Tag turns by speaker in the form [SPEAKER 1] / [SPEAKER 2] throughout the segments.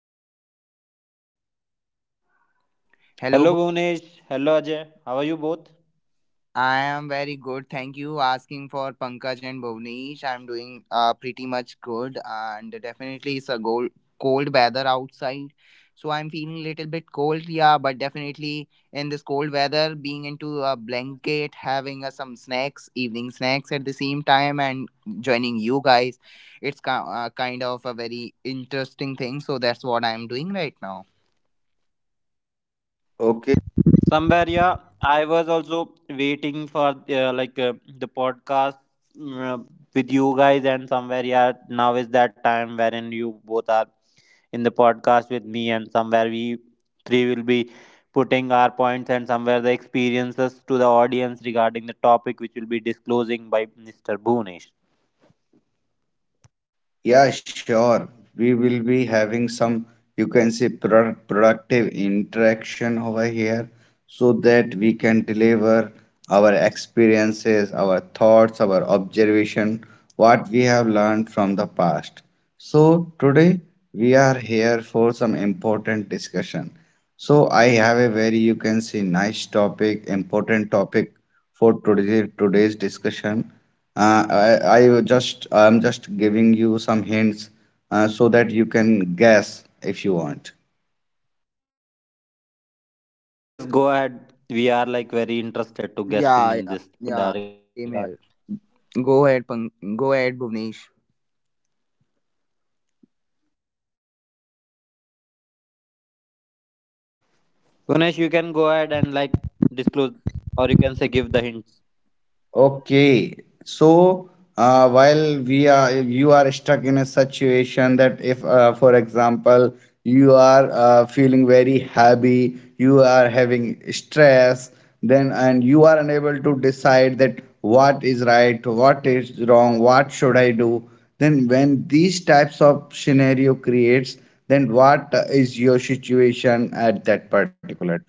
[SPEAKER 1] to another episode.
[SPEAKER 2] Hello, Bhu-
[SPEAKER 3] Hello Bhunesh, hello Ajay. How are you both?
[SPEAKER 2] I am very good. Thank you asking for Pankaj and Bhuvnesh. I'm doing pretty much good, and definitely it's a cold weather outside, so I'm feeling a little bit cold. Yeah, but definitely in this cold weather, being into a blanket, having some snacks, evening snacks at the same time, and joining you guys, it's kind of a very interesting thing. So that's what I'm doing right now.
[SPEAKER 1] Okay.
[SPEAKER 3] Somewhere, yeah, I was also waiting for the podcast mm, uh, with you guys, and somewhere, yeah. Now is that time wherein you both are in the podcast with me, and somewhere we three will be putting our points and somewhere the experiences to the audience regarding the topic which will be disclosing by Mr. Bhunesh.
[SPEAKER 1] Yeah, sure. We will be having some, you can say, productive interaction over here so that we can deliver our experiences, our thoughts, our observation, what we have learned from the past. So today we are here for some important discussion. So I have a very, you can say, nice topic, important topic for today, today's discussion. Uh, I, I just I'm just giving you some hints so that you can guess if you want.
[SPEAKER 3] Yes, go ahead. We are like very interested to guessing
[SPEAKER 2] Yeah,
[SPEAKER 3] in
[SPEAKER 2] yeah,
[SPEAKER 3] this
[SPEAKER 1] You
[SPEAKER 2] yeah.
[SPEAKER 1] guys
[SPEAKER 3] regard.
[SPEAKER 1] want to
[SPEAKER 2] Same here.
[SPEAKER 1] guess?
[SPEAKER 2] Go ahead, Bhuvnesh.
[SPEAKER 1] Hello guys, are you there?
[SPEAKER 3] Gunesh, you can go ahead and like disclose, or you can say give the hints.
[SPEAKER 1] Okay, so while we are you are stuck in a situation that if, for example, you are feeling very happy, you are having stress, then and you are unable to decide that what is right, what is wrong, what should I do, then when these types of scenario creates, then what is your situation at that particular time?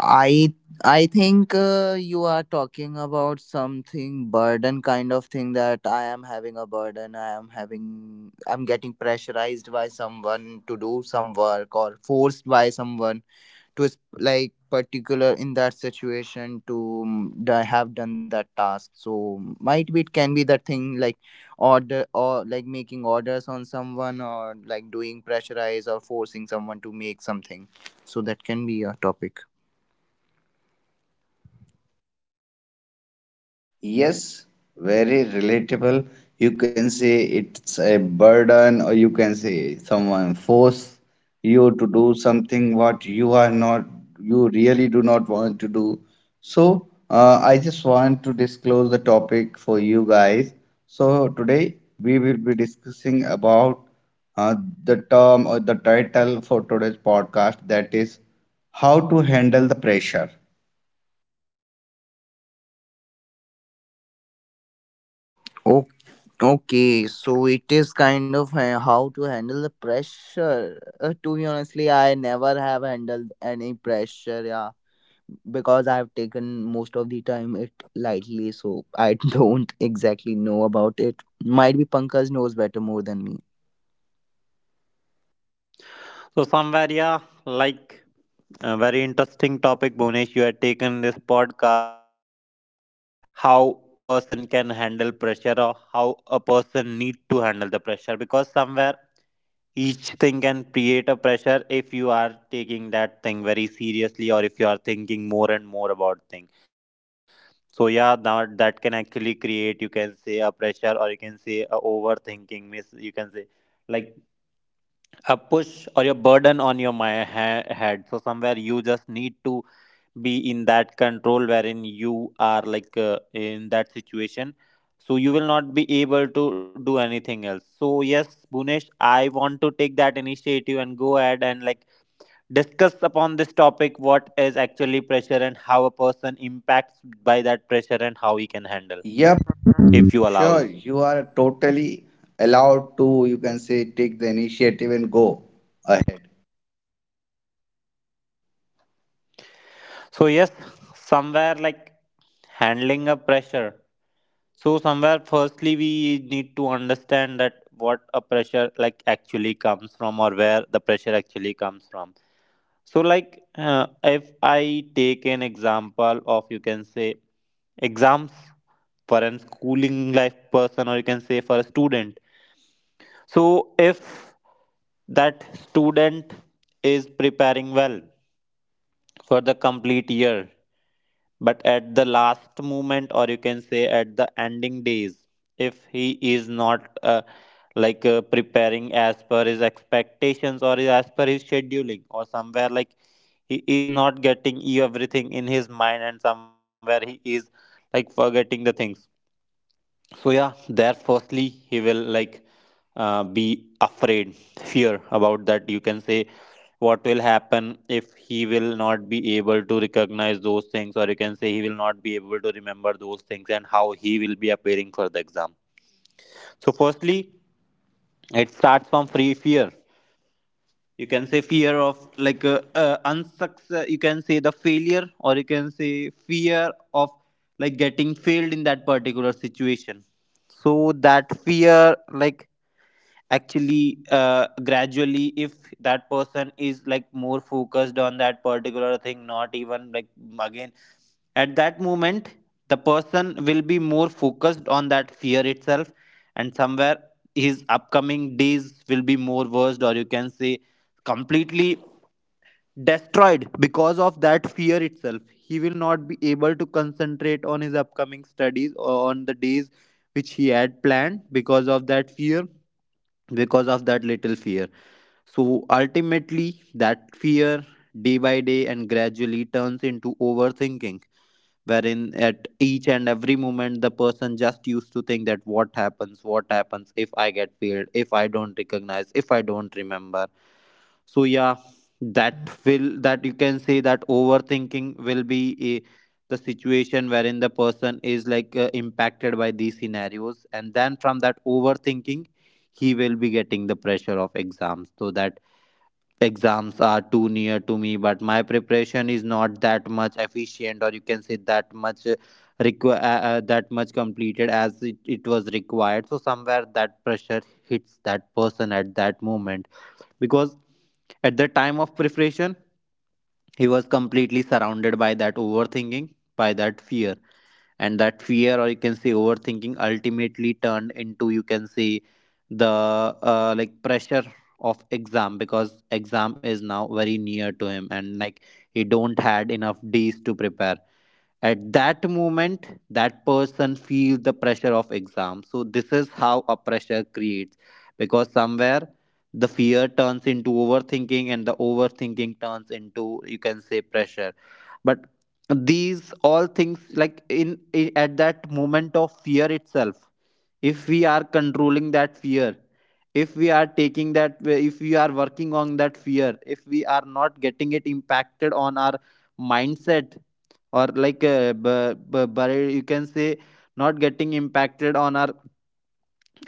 [SPEAKER 2] I I think you are talking about something burden kind of thing that I am having a burden. I am having I'm getting pressurized by someone to do some work or forced by someone to like particular in that situation to have done that task. So might be it can be that thing like order or like making orders on someone or like doing pressurize or forcing someone to make something. So that can be a topic.
[SPEAKER 1] Yes, very relatable. You can say it's a burden, or you can say someone force you to do something what you are not, you really do not want to do. So, I just want to disclose the topic for you guys. So, today we will be discussing about uh, the term or the title for today's podcast, that is how to handle the pressure.
[SPEAKER 2] Okay, so it is kind of how to handle the pressure. To be honestly, I never have handled any pressure, yeah, because I have taken most of the time it lightly, so I don't exactly know about it. Might be Pankaj knows better more than me.
[SPEAKER 3] So somewhere, yeah, like a very interesting topic, Bhunesh, you had taken this podcast, like how person can handle pressure or how a person need to handle the pressure, because somewhere each thing can create a pressure if you are taking that thing very seriously or if you are thinking more and more about things. So yeah, now that can actually create, you can say, a pressure, or you can say a overthinking. Miss, you can say, like a push or a burden on your my head. So somewhere you just need to be in that control wherein you are in that situation. So you will not be able to do anything else. So yes, Bunesh, I want to take that initiative and go ahead and like discuss upon this topic, what is actually pressure, and how a person impacts by that pressure, and how he can handle
[SPEAKER 1] Yep,
[SPEAKER 3] if you
[SPEAKER 1] sure.
[SPEAKER 3] allows.
[SPEAKER 1] You are totally allowed to, you can say, take the initiative and go ahead.
[SPEAKER 3] So yes, somewhere, like handling a pressure, so somewhere firstly we need to understand that what a pressure like actually comes from, or where the pressure actually comes from. So if I take an example of, you can say, exams for an schooling life person, or you can say for a student. So if that student is preparing well for the complete year, but at the last moment, or you can say at the ending days, if he is not preparing as per his expectations or as per his scheduling, or somewhere like he is not getting everything in his mind, and somewhere he is like forgetting the things. So yeah, there firstly he will like be afraid, fear about that, you can say, what will happen if he will not be able to recognize those things, or you can say he will not be able to remember those things, and how he will be appearing for the exam. So firstly it starts from free fear, you can say fear of unsuccess, you can say the failure, or you can say fear of like getting failed in that particular situation. So that fear like actually gradually, if that person is like more focused on that particular thing, not even like, again, at that moment the person will be more focused on that fear itself, and somewhere his upcoming days will be more worst, or you can say completely destroyed, because of that fear itself he will not be able to concentrate on his upcoming studies or on the days which he had planned because of that fear, because of that little fear. So ultimately that fear day by day and gradually turns into overthinking, wherein at each and every moment the person just used to think that what happens, what happens if I get failed, if I don't recognize, if I don't remember. So yeah, that will, that you can say, that overthinking will be a, the situation wherein the person is impacted by these scenarios, and then from that overthinking he will be getting the pressure of exams, so that exams are too near to me but my preparation is not that much efficient, or you can say that that much completed as it was required. So somewhere that pressure hits that person at that moment, because at the time of preparation he was completely surrounded by that overthinking, by that fear. And that fear, or you can say overthinking, ultimately turned into, you can say, the like pressure of exam, because exam is now very near to him and like he don't had enough days to prepare. At that moment that person feels the pressure of exam. So this is how a pressure creates, because somewhere the fear turns into overthinking and the overthinking turns into, you can say, pressure. But these all things like in at that moment of fear itself, if we are controlling that fear, if we are taking that, if we are working on that fear, if we are not getting it impacted on our mindset, or you can say not getting impacted on our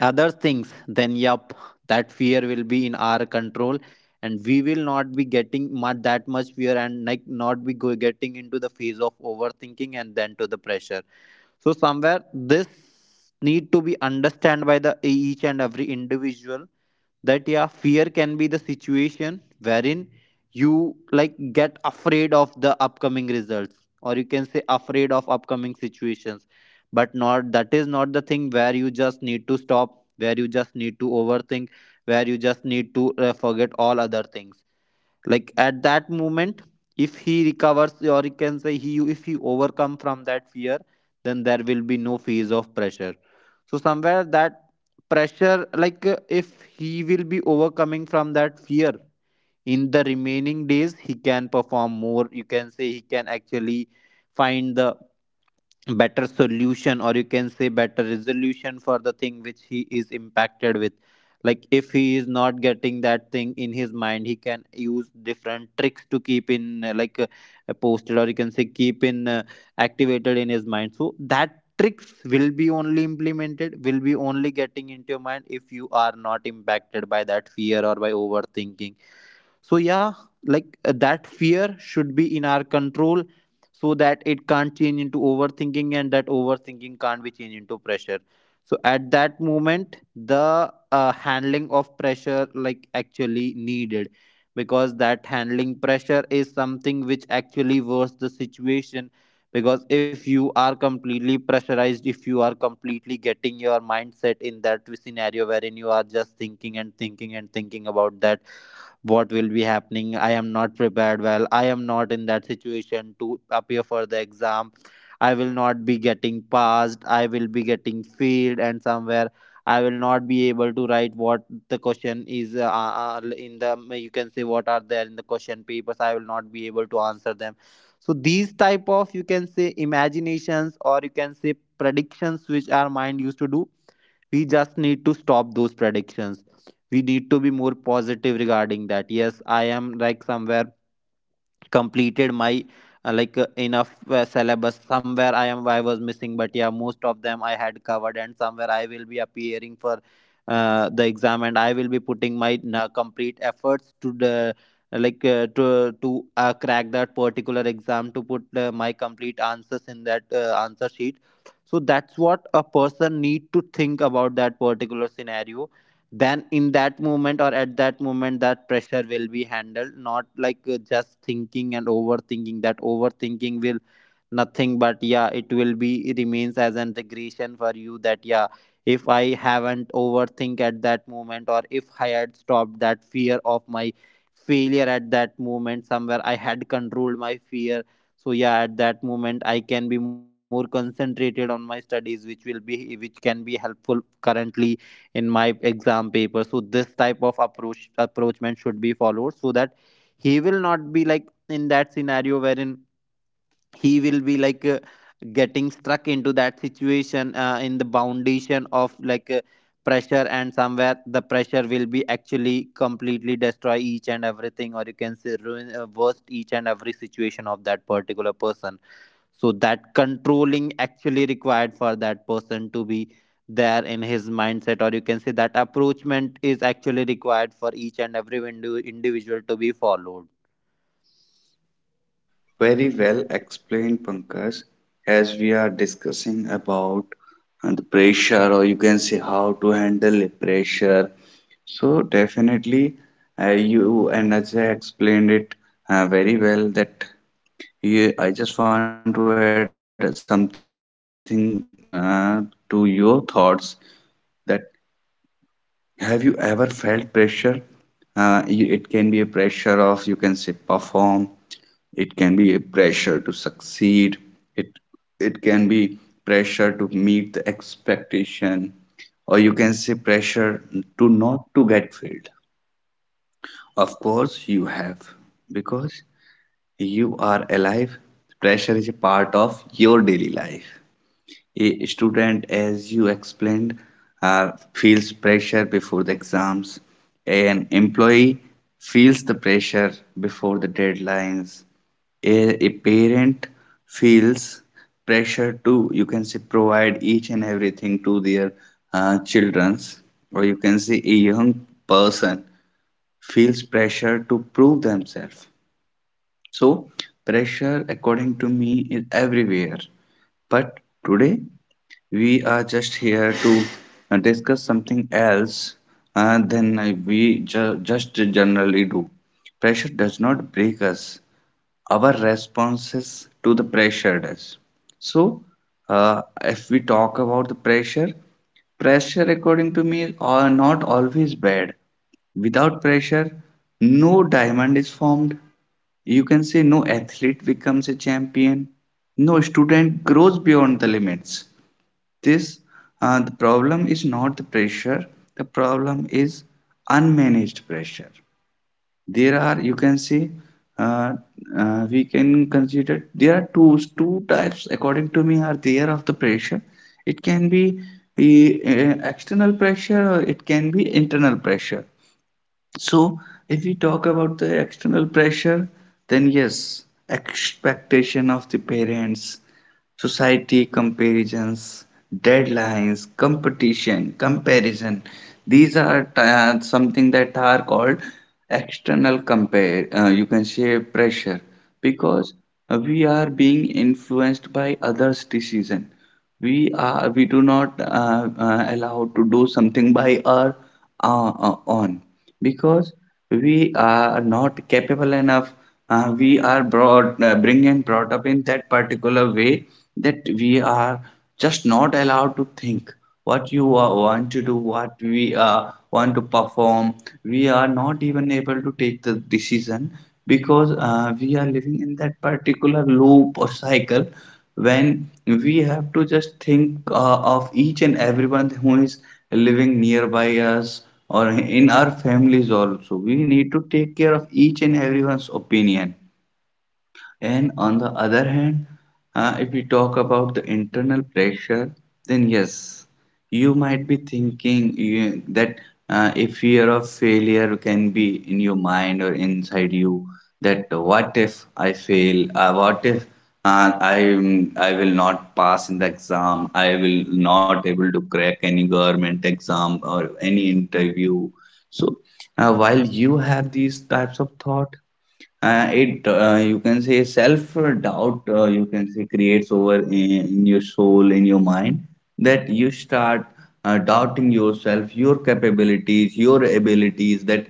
[SPEAKER 3] other things, then yup, that fear will be in our control, and we will not be getting much that much fear, and like not be getting into the phase of overthinking and then to the pressure. So somewhere this need to be understand by the each and every individual, that yeah, fear can be the situation wherein you like get afraid of the upcoming results, or you can say afraid of upcoming situations, but not, that is not the thing where you just need to stop, where you just need to overthink, where you just need to forget all other things. Like at that moment, if he recovers, or you can say, he if he overcome from that fear, then there will be no phase of pressure. So somewhere that pressure if he will be overcoming from that fear, in the remaining days he can perform more, you can say he can actually find the better solution, or you can say better resolution for the thing which he is impacted with. Like if he is not getting that thing in his mind, he can use different tricks to keep in posted, or you can say keep in activated in his mind, so that tricks will be only implemented, will be only getting into your mind if you are not impacted by that fear or by overthinking. So yeah, that fear should be in our control, so that it can't change into overthinking and that overthinking can't be changed into pressure. So at that moment the handling of pressure like actually needed, because that handling pressure is something which actually worsens the situation, because if you are completely pressurized, if you are completely getting your mindset in that scenario wherein you are just thinking and thinking and thinking about that, what will be happening, I am not prepared well, I am not in that situation to appear for the exam, I will not be getting passed, I will be getting failed, and somewhere I will not be able to write what the question is in the, you can say, what are there in the question papers, I will not be able to answer them. So these type of, you can say, imaginations, or you can say predictions, which our mind used to do, we just need to stop those predictions. We need to be more positive regarding that, yes, I am like somewhere completed my enough syllabus, somewhere I was missing, but yeah, most of them I had covered, and somewhere I will be appearing for the exam, and I will be putting my complete efforts like uh, to to crack that particular exam, to put my complete answers in that answer sheet. So that's what a person need to think about that particular scenario. Then in that moment, or at that moment, that pressure will be handled, not just thinking and overthinking. That overthinking will nothing, but yeah, it will be, it remains as an regression for you, that yeah, if I haven't overthink at that moment, or if I had stopped that fear of my failure at that moment, somewhere I had controlled my fear. So yeah, at that moment I can be more concentrated on my studies, which will be, which can be helpful currently in my exam paper. So this type of approach, approachment should be followed, so that he will not be like in that scenario wherein he will be getting stuck into that situation in the foundation of pressure, and somewhere the pressure will be actually completely destroy each and everything, or you can say ruin worst each and every situation of that particular person. So that controlling actually required for that person to be there in his mindset, or you can say that approachment is actually required for each and every individual to be followed.
[SPEAKER 1] Very well explained, Pankaj. As we are discussing about the pressure, or you can say how to handle the pressure. So definitely, you and Ajay explained it very well. That you, I just want to add something to your thoughts. That. Have you ever felt pressure? It can be a pressure of, you can say, perform. It can be a pressure to succeed. It it can be pressure to meet the expectation, or you can say pressure to not to get failed. Of course, you have, because you are alive. Pressure is a part of your daily life. A student, as you explained, feels pressure before the exams. An employee feels the pressure before the deadlines. A parent feels pressure to, you can say, provide each and everything to their children's, or you can say a young person feels pressure to prove themselves. So pressure, according to me, is everywhere, but today we are just here to discuss something else than we just generally do. Pressure does not break us, our responses to the pressure does. So, if we talk about the pressure, pressure, according to me, are not always bad. Without pressure, no diamond is formed. You can say no athlete becomes a champion, no student grows beyond the limits. This The problem is not the pressure, the problem is unmanaged pressure. There are, you can see, uh, we can consider there are two types, according to me, are there of the pressure. It can be the external pressure, or it can be internal pressure. So if we talk about the external pressure, then yes, expectation of the parents, society comparisons, deadlines, competition, comparison, these are something that are called external compare you can say pressure, because we are being influenced by others decision, we do not allow to do something by our own, because we are not capable enough. Uh, we are brought uh, bring and brought up in that particular way that we are just not allowed to think what you want to do, what we want to perform. We are not even able to take the decision, because we are living in that particular loop or cycle, when we have to just think of each and everyone who is living nearby us, or in our families also. We need to take care of each and everyone's opinion. And on the other hand, if we talk about the internal pressure, then yes, you might be thinking, you, that a fear of failure can be in your mind or inside you. That what if I fail? What if I will not pass in the exam? I will not able to crack any government exam or any interview. So while you have these types of thought, it you can say self doubt, you can say creates over in your soul, in your mind, that you start doubting yourself, your capabilities, your abilities. That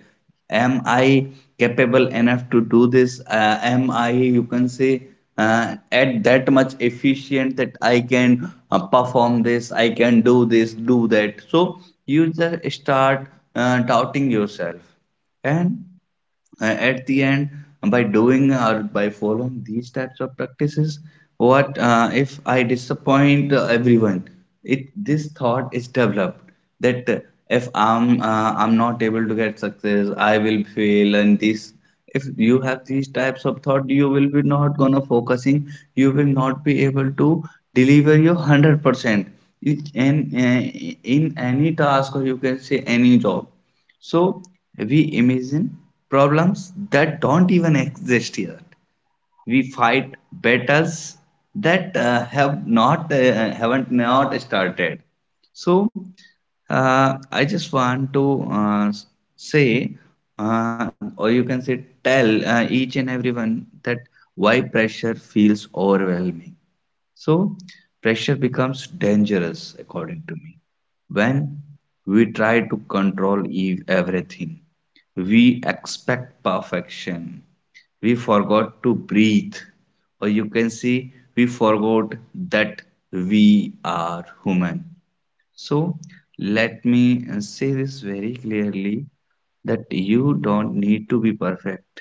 [SPEAKER 1] am I capable enough to do this? Am I, you can say, at that much efficient that I can perform this, I can do this, do that? So you just start doubting yourself, and at the end, by doing or by following these types of practices, what if I disappoint everyone, it this thought is developed that if I'm not able to get success, I will fail. And this, if you have these types of thought, you will be not gonna focusing, you will not be able to deliver your 100% in any task, or you can say any job. So we imagine problems that don't even exist yet. We fight battles that haven't not started. So I just want to say, or you can say, tell each and everyone that why pressure feels overwhelming. So, pressure becomes dangerous, according to me, when we try to control everything. We expect perfection. We forgot to breathe. Or you can see, we forgot that we are human. So, let me say this very clearly, that you don't need to be perfect.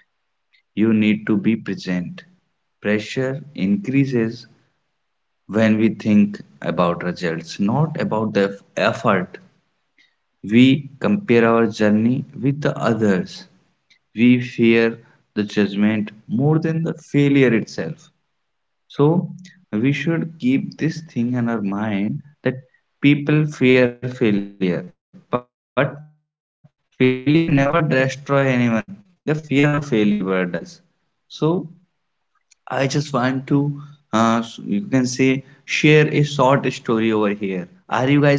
[SPEAKER 1] You need to be present. Pressure increases when we think about results, not about the effort. We compare our journey with the others. We fear the judgment more than the failure itself. So, we should keep this thing in our mind, that people fear failure, but failure never destroys anyone. The fear of failure does. So, I just want to, you can say, share a short story over here. Are you guys ready?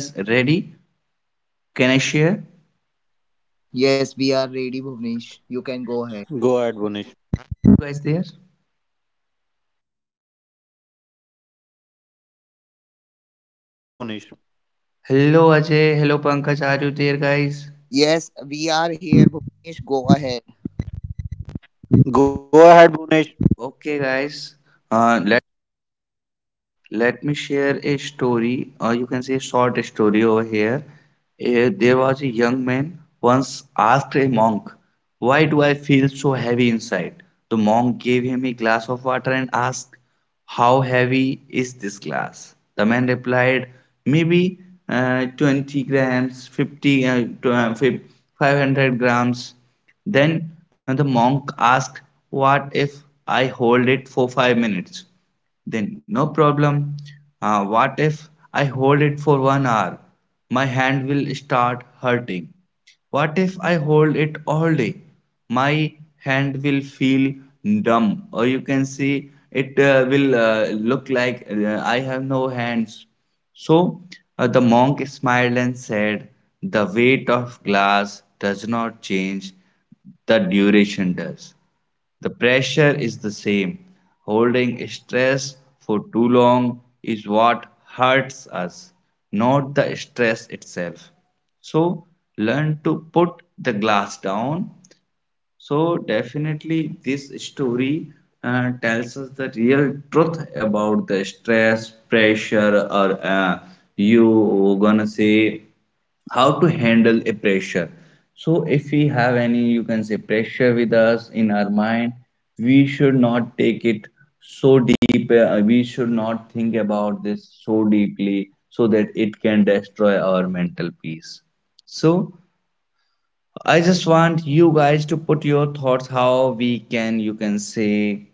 [SPEAKER 1] Can I share?
[SPEAKER 2] Yes, we are ready, Bhuvnesh. You can go ahead.
[SPEAKER 1] You
[SPEAKER 3] Go
[SPEAKER 1] guys
[SPEAKER 3] ahead,
[SPEAKER 1] there?
[SPEAKER 3] Bunish. Yes, go ahead, Bunish.
[SPEAKER 1] Hello Ajay, hello Pankaj, are you there guys?
[SPEAKER 2] Yes, we are here, Bhuvnesh. Go ahead.
[SPEAKER 3] Go ahead, Bunish.
[SPEAKER 1] Okay guys, uh, let me share a story, or you can say a short story over here. There was a young man once asked a monk, why do I feel so heavy inside? The monk gave him a glass of water and asked, how heavy is this glass? The man replied, maybe 20 grams, 50, 500 grams. Then the monk asked, what if I hold it for 5 minutes? Then, no problem. What if I hold it for 1 hour? My hand will start hurting. What if I hold it all day? My hand will feel numb, or you can see it will look like I have no hands. So the monk smiled and said, the weight of glass does not change, the duration does. The pressure is the same. Holding stress for too long is what hurts us, not the stress itself. So, learn to put the glass down. So definitely this story tells us the real truth about the stress, pressure, or you gonna say how to handle a pressure. So if we have any, you can say, pressure with us in our mind, we should not take it so deep. We should not think about this so deeply, so that it can destroy our mental peace. So I just want you guys to put your thoughts how we can,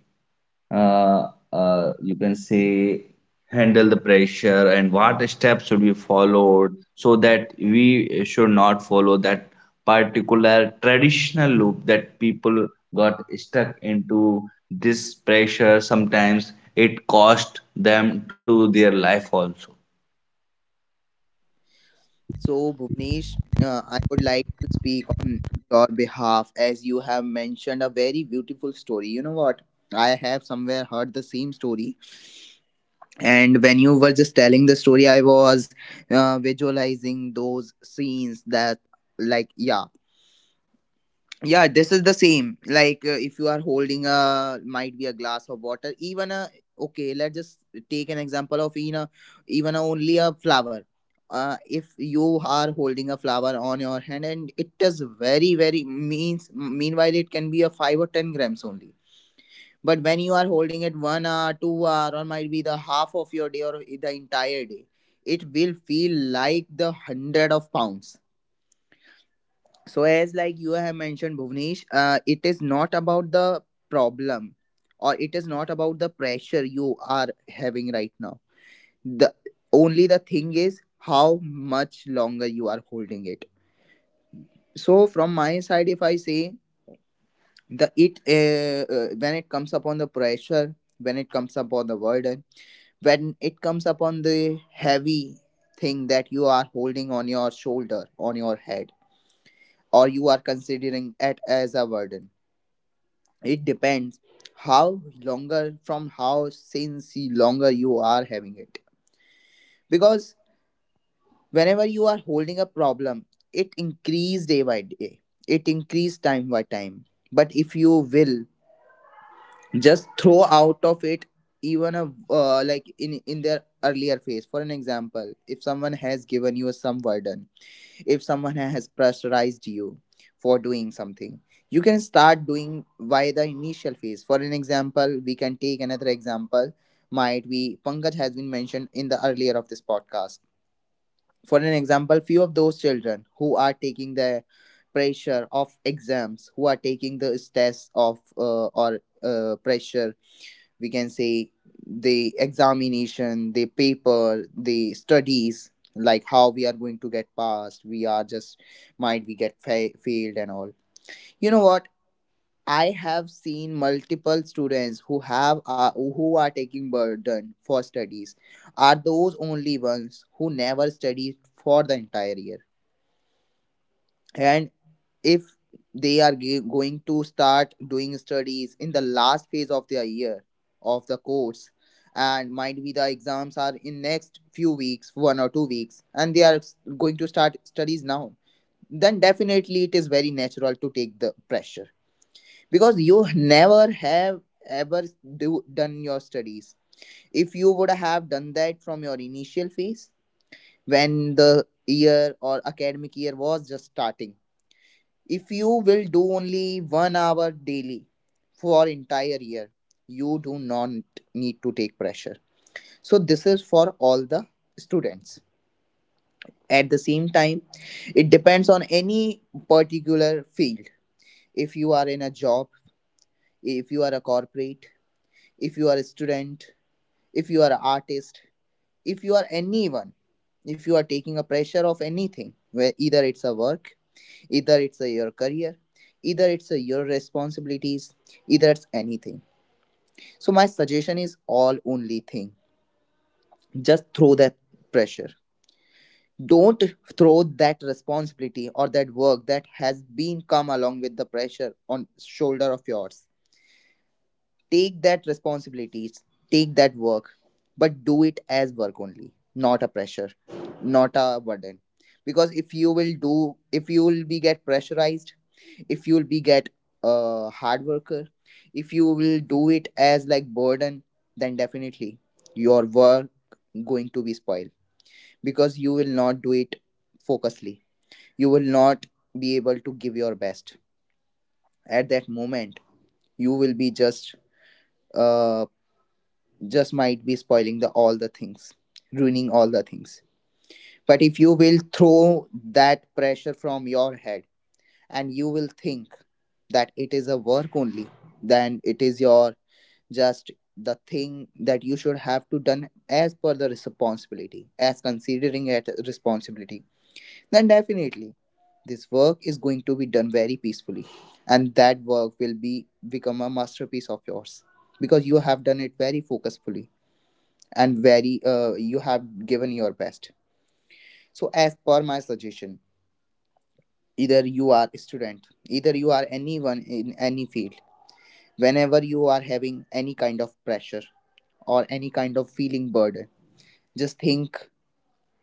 [SPEAKER 1] you can say, handle the pressure and what steps should be followed, so that we should not follow that particular traditional loop, that people got stuck into this pressure. Sometimes it cost them to their life also.
[SPEAKER 2] So, Bhuvnesh, I would like to speak on your behalf as you have mentioned a very beautiful story. You know what? I have somewhere heard the same story, and when you were just telling the story, I was visualizing those scenes that, like, yeah, yeah, this is the same, like if you are holding a, might be, a glass of water, even a, okay, let's just take an example of, you know, even only a flower. Uh, if you are holding a flower on your hand and it is very very, means, meanwhile, it can be a 5 or 10 grams only, but when you are holding it 1 hour, 2 hour, or might be the half of your day or the entire day, it will feel like the hundred of pounds. So as like you have mentioned, Bhuvnesh, it is not about the problem, or it is not about the pressure you are having right now. The only the thing is, how much longer you are holding it. So from my side, if I say, the it when it comes upon the pressure, when it comes upon the burden, when it comes upon the heavy thing that you are holding on your shoulder, on your head, or you are considering it as a burden, it depends how longer from longer you are having it. Because whenever you are holding a problem, it increase day by day. It increase time by time. But if you will just throw out of it, even a, like in their earlier phase, for an example, if someone has given you some burden, if someone has pressurized you for doing something, you can start doing via the initial phase. For an example, we can take another example. Might be Pankaj has been mentioned in the earlier of this podcast. For an example, few of those children who are taking the pressure of exams, who are taking the stress of, or pressure, we can say, the examination, the paper, the studies, like how we are going to get passed, we are just, might we get failed and all. You know what? I have seen multiple students who have who are taking burden for studies, are those only ones who never studied for the entire year. And if they are going to start doing studies in the last phase of their year, of the course, and might be the exams are in next few weeks, 1 or 2 weeks, and they are going to start studies now, then definitely it is very natural to take the pressure, because you never have ever do done your studies. If you would have done that from your initial phase, when the year or academic year was just starting, if you will do only 1 hour daily for entire year, you do not need to take pressure. So this is for all the students. At the same time, it depends on any particular field. If you are in a job, if you are a corporate, if you are a student, if you are an artist, if you are anyone, if you are taking a pressure of anything, where either it's a work, either it's a your career, either it's a your responsibilities, either it's anything, so my suggestion is all only thing, just throw that pressure. Don't throw that responsibility or that work that has been come along with the pressure on shoulder of yours. Take that responsibilities, take that work, but do it as work only, not a pressure, not a burden. Because if you will do, if you will be get pressurized, if you'll be get a hard worker, if you will do it as like burden, then definitely your work going to be spoiled, because you will not do it focusedly, you will not be able to give your best. At that moment, you will be just, uh just might be spoiling the all the things, ruining all the things. But if you will throw that pressure from your head, and you will think that it is a work only, then it is your just the thing that you should have to done as per the responsibility, as considering it a responsibility, then definitely this work is going to be done very peacefully, and that work will be become a masterpiece of yours, because you have done it very focusfully and very, you have given your best. So as per my suggestion, either you are a student, either you are anyone in any field, whenever you are having any kind of pressure or any kind of feeling burden, just think,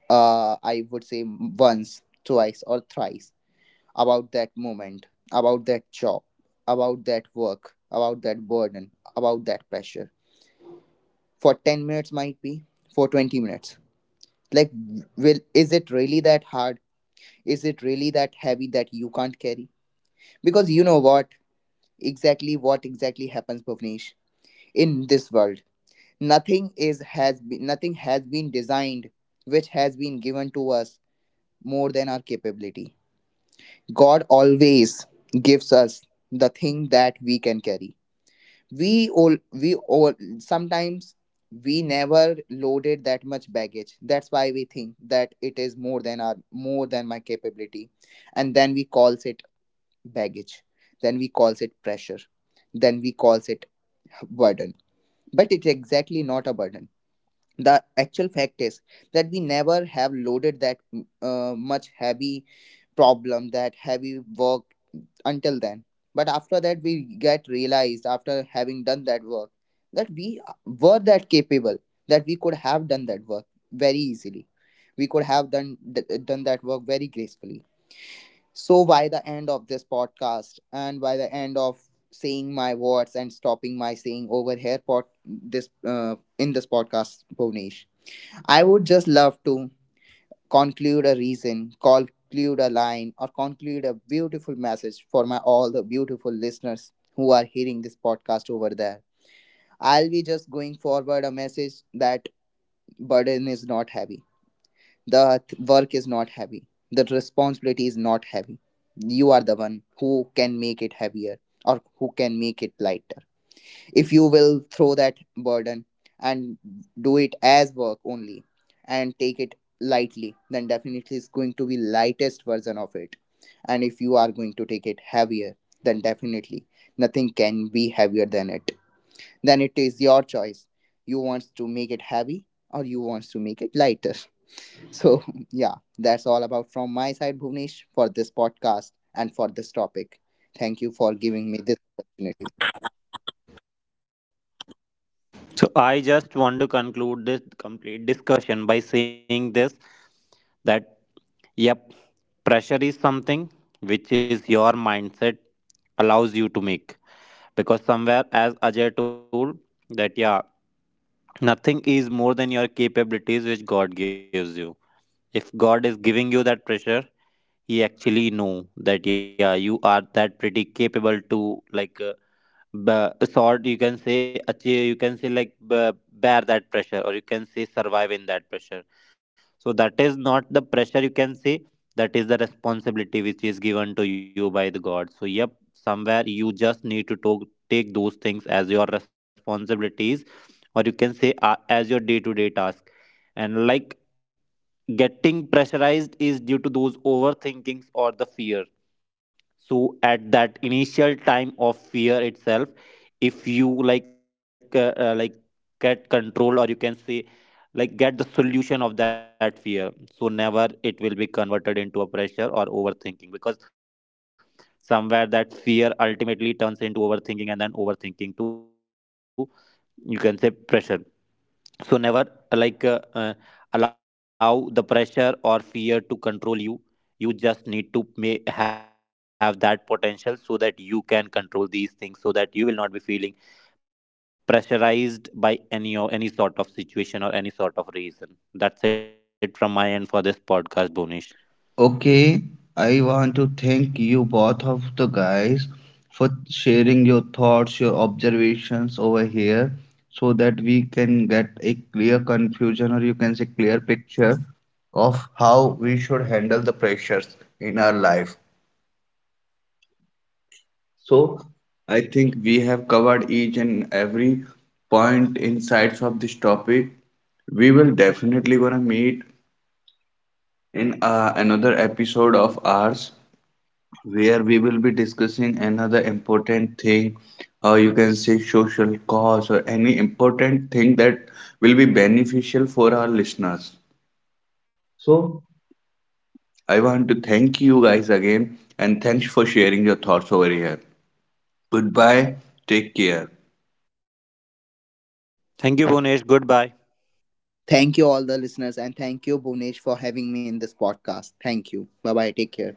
[SPEAKER 2] I would say once, twice, or thrice about that moment, about that job, about that work, about that burden, about that pressure. For 10 minutes, might be, for 20 minutes. Like, will, is it really that hard? Is it really that heavy that you can't carry? Because you know what? Exactly what exactly happens, Bhuvnesh, in this world. Nothing has been designed which has been given to us more than our capability. God always gives us the thing that we can carry. We all sometimes we never loaded that much baggage. That's why we think that it is more than our more than my capability, and then we calls it baggage. Then we calls it pressure. Then we calls it burden. But it's exactly not a burden. The actual fact is that we never have loaded that much heavy problem, that heavy work until then, but after that we get realized, after having done that work, that we were that capable, that we could have done that work very easily, we could have done done that work very gracefully. So by the end of this podcast, and by the end of saying my words and stopping my saying over here, pod, this in this podcast, Bhuvnesh, I would just love to conclude a reason, conclude a line, or conclude a beautiful message for my all the beautiful listeners who are hearing this podcast over there. I'll be just going forward a message that burden is not heavy, the work is not heavy, the responsibility is not heavy. You are the one who can make it heavier or who can make it lighter. If you will throw that burden and do it as work only and take it lightly, then definitely it's going to be lightest version of it. And if you are going to take it heavier, then definitely nothing can be heavier than it. Then it is your choice, you want to make it heavy or you want to make it lighter. So yeah, that's all about from my side, Bhuvnesh, for this podcast and for this topic. Thank you for giving me this opportunity.
[SPEAKER 3] So I just want to conclude this complete discussion by saying this, that yep, pressure is something which is your mindset allows you to make, because somewhere, as Ajay told, that yeah, nothing is more than your capabilities which God gives you. If God is giving you that pressure, he actually know that yeah, you are that pretty capable to sort, you can say, achieve, you can say like bear that pressure, or you can say survive in that pressure. So that is not the pressure, you can say, that is the responsibility which is given to you by the god. So yep, somewhere you just need to talk, take those things as your responsibilities, or you can say as your day to day task. And like, getting pressurized is due to those overthinkings or the fear. So at that initial time of fear itself, if you get control, or you can say like get the solution of that fear, so never it will be converted into a pressure or overthinking, because somewhere that fear ultimately turns into overthinking, and then overthinking to, you can say, pressure. So never uh, like uh, uh, allow the pressure or fear to control you. You just need to may have that potential so that you can control these things, so that you will not be feeling pressurized by any or any sort of situation or any sort of reason. That's it from my end for this podcast, Bonish.
[SPEAKER 1] Okay, I want to thank you both of the guys for sharing your thoughts, your observations over here, so that we can get a clear confusion, or you can say clear picture, of how we should handle the pressures in our life. So I think we have covered each and every point insights of this topic. We will definitely gonna meet in another episode of ours where we will be discussing another important thing, or you can say social cause or any important thing that will be beneficial for our listeners. So, I want to thank you guys again, and thanks for sharing your thoughts over here. Goodbye, take care.
[SPEAKER 3] Thank you, Bonish. Goodbye.
[SPEAKER 2] Thank you, all the listeners, and thank you, Bhunesh, for having me in this podcast. Thank you. Bye bye. Take care.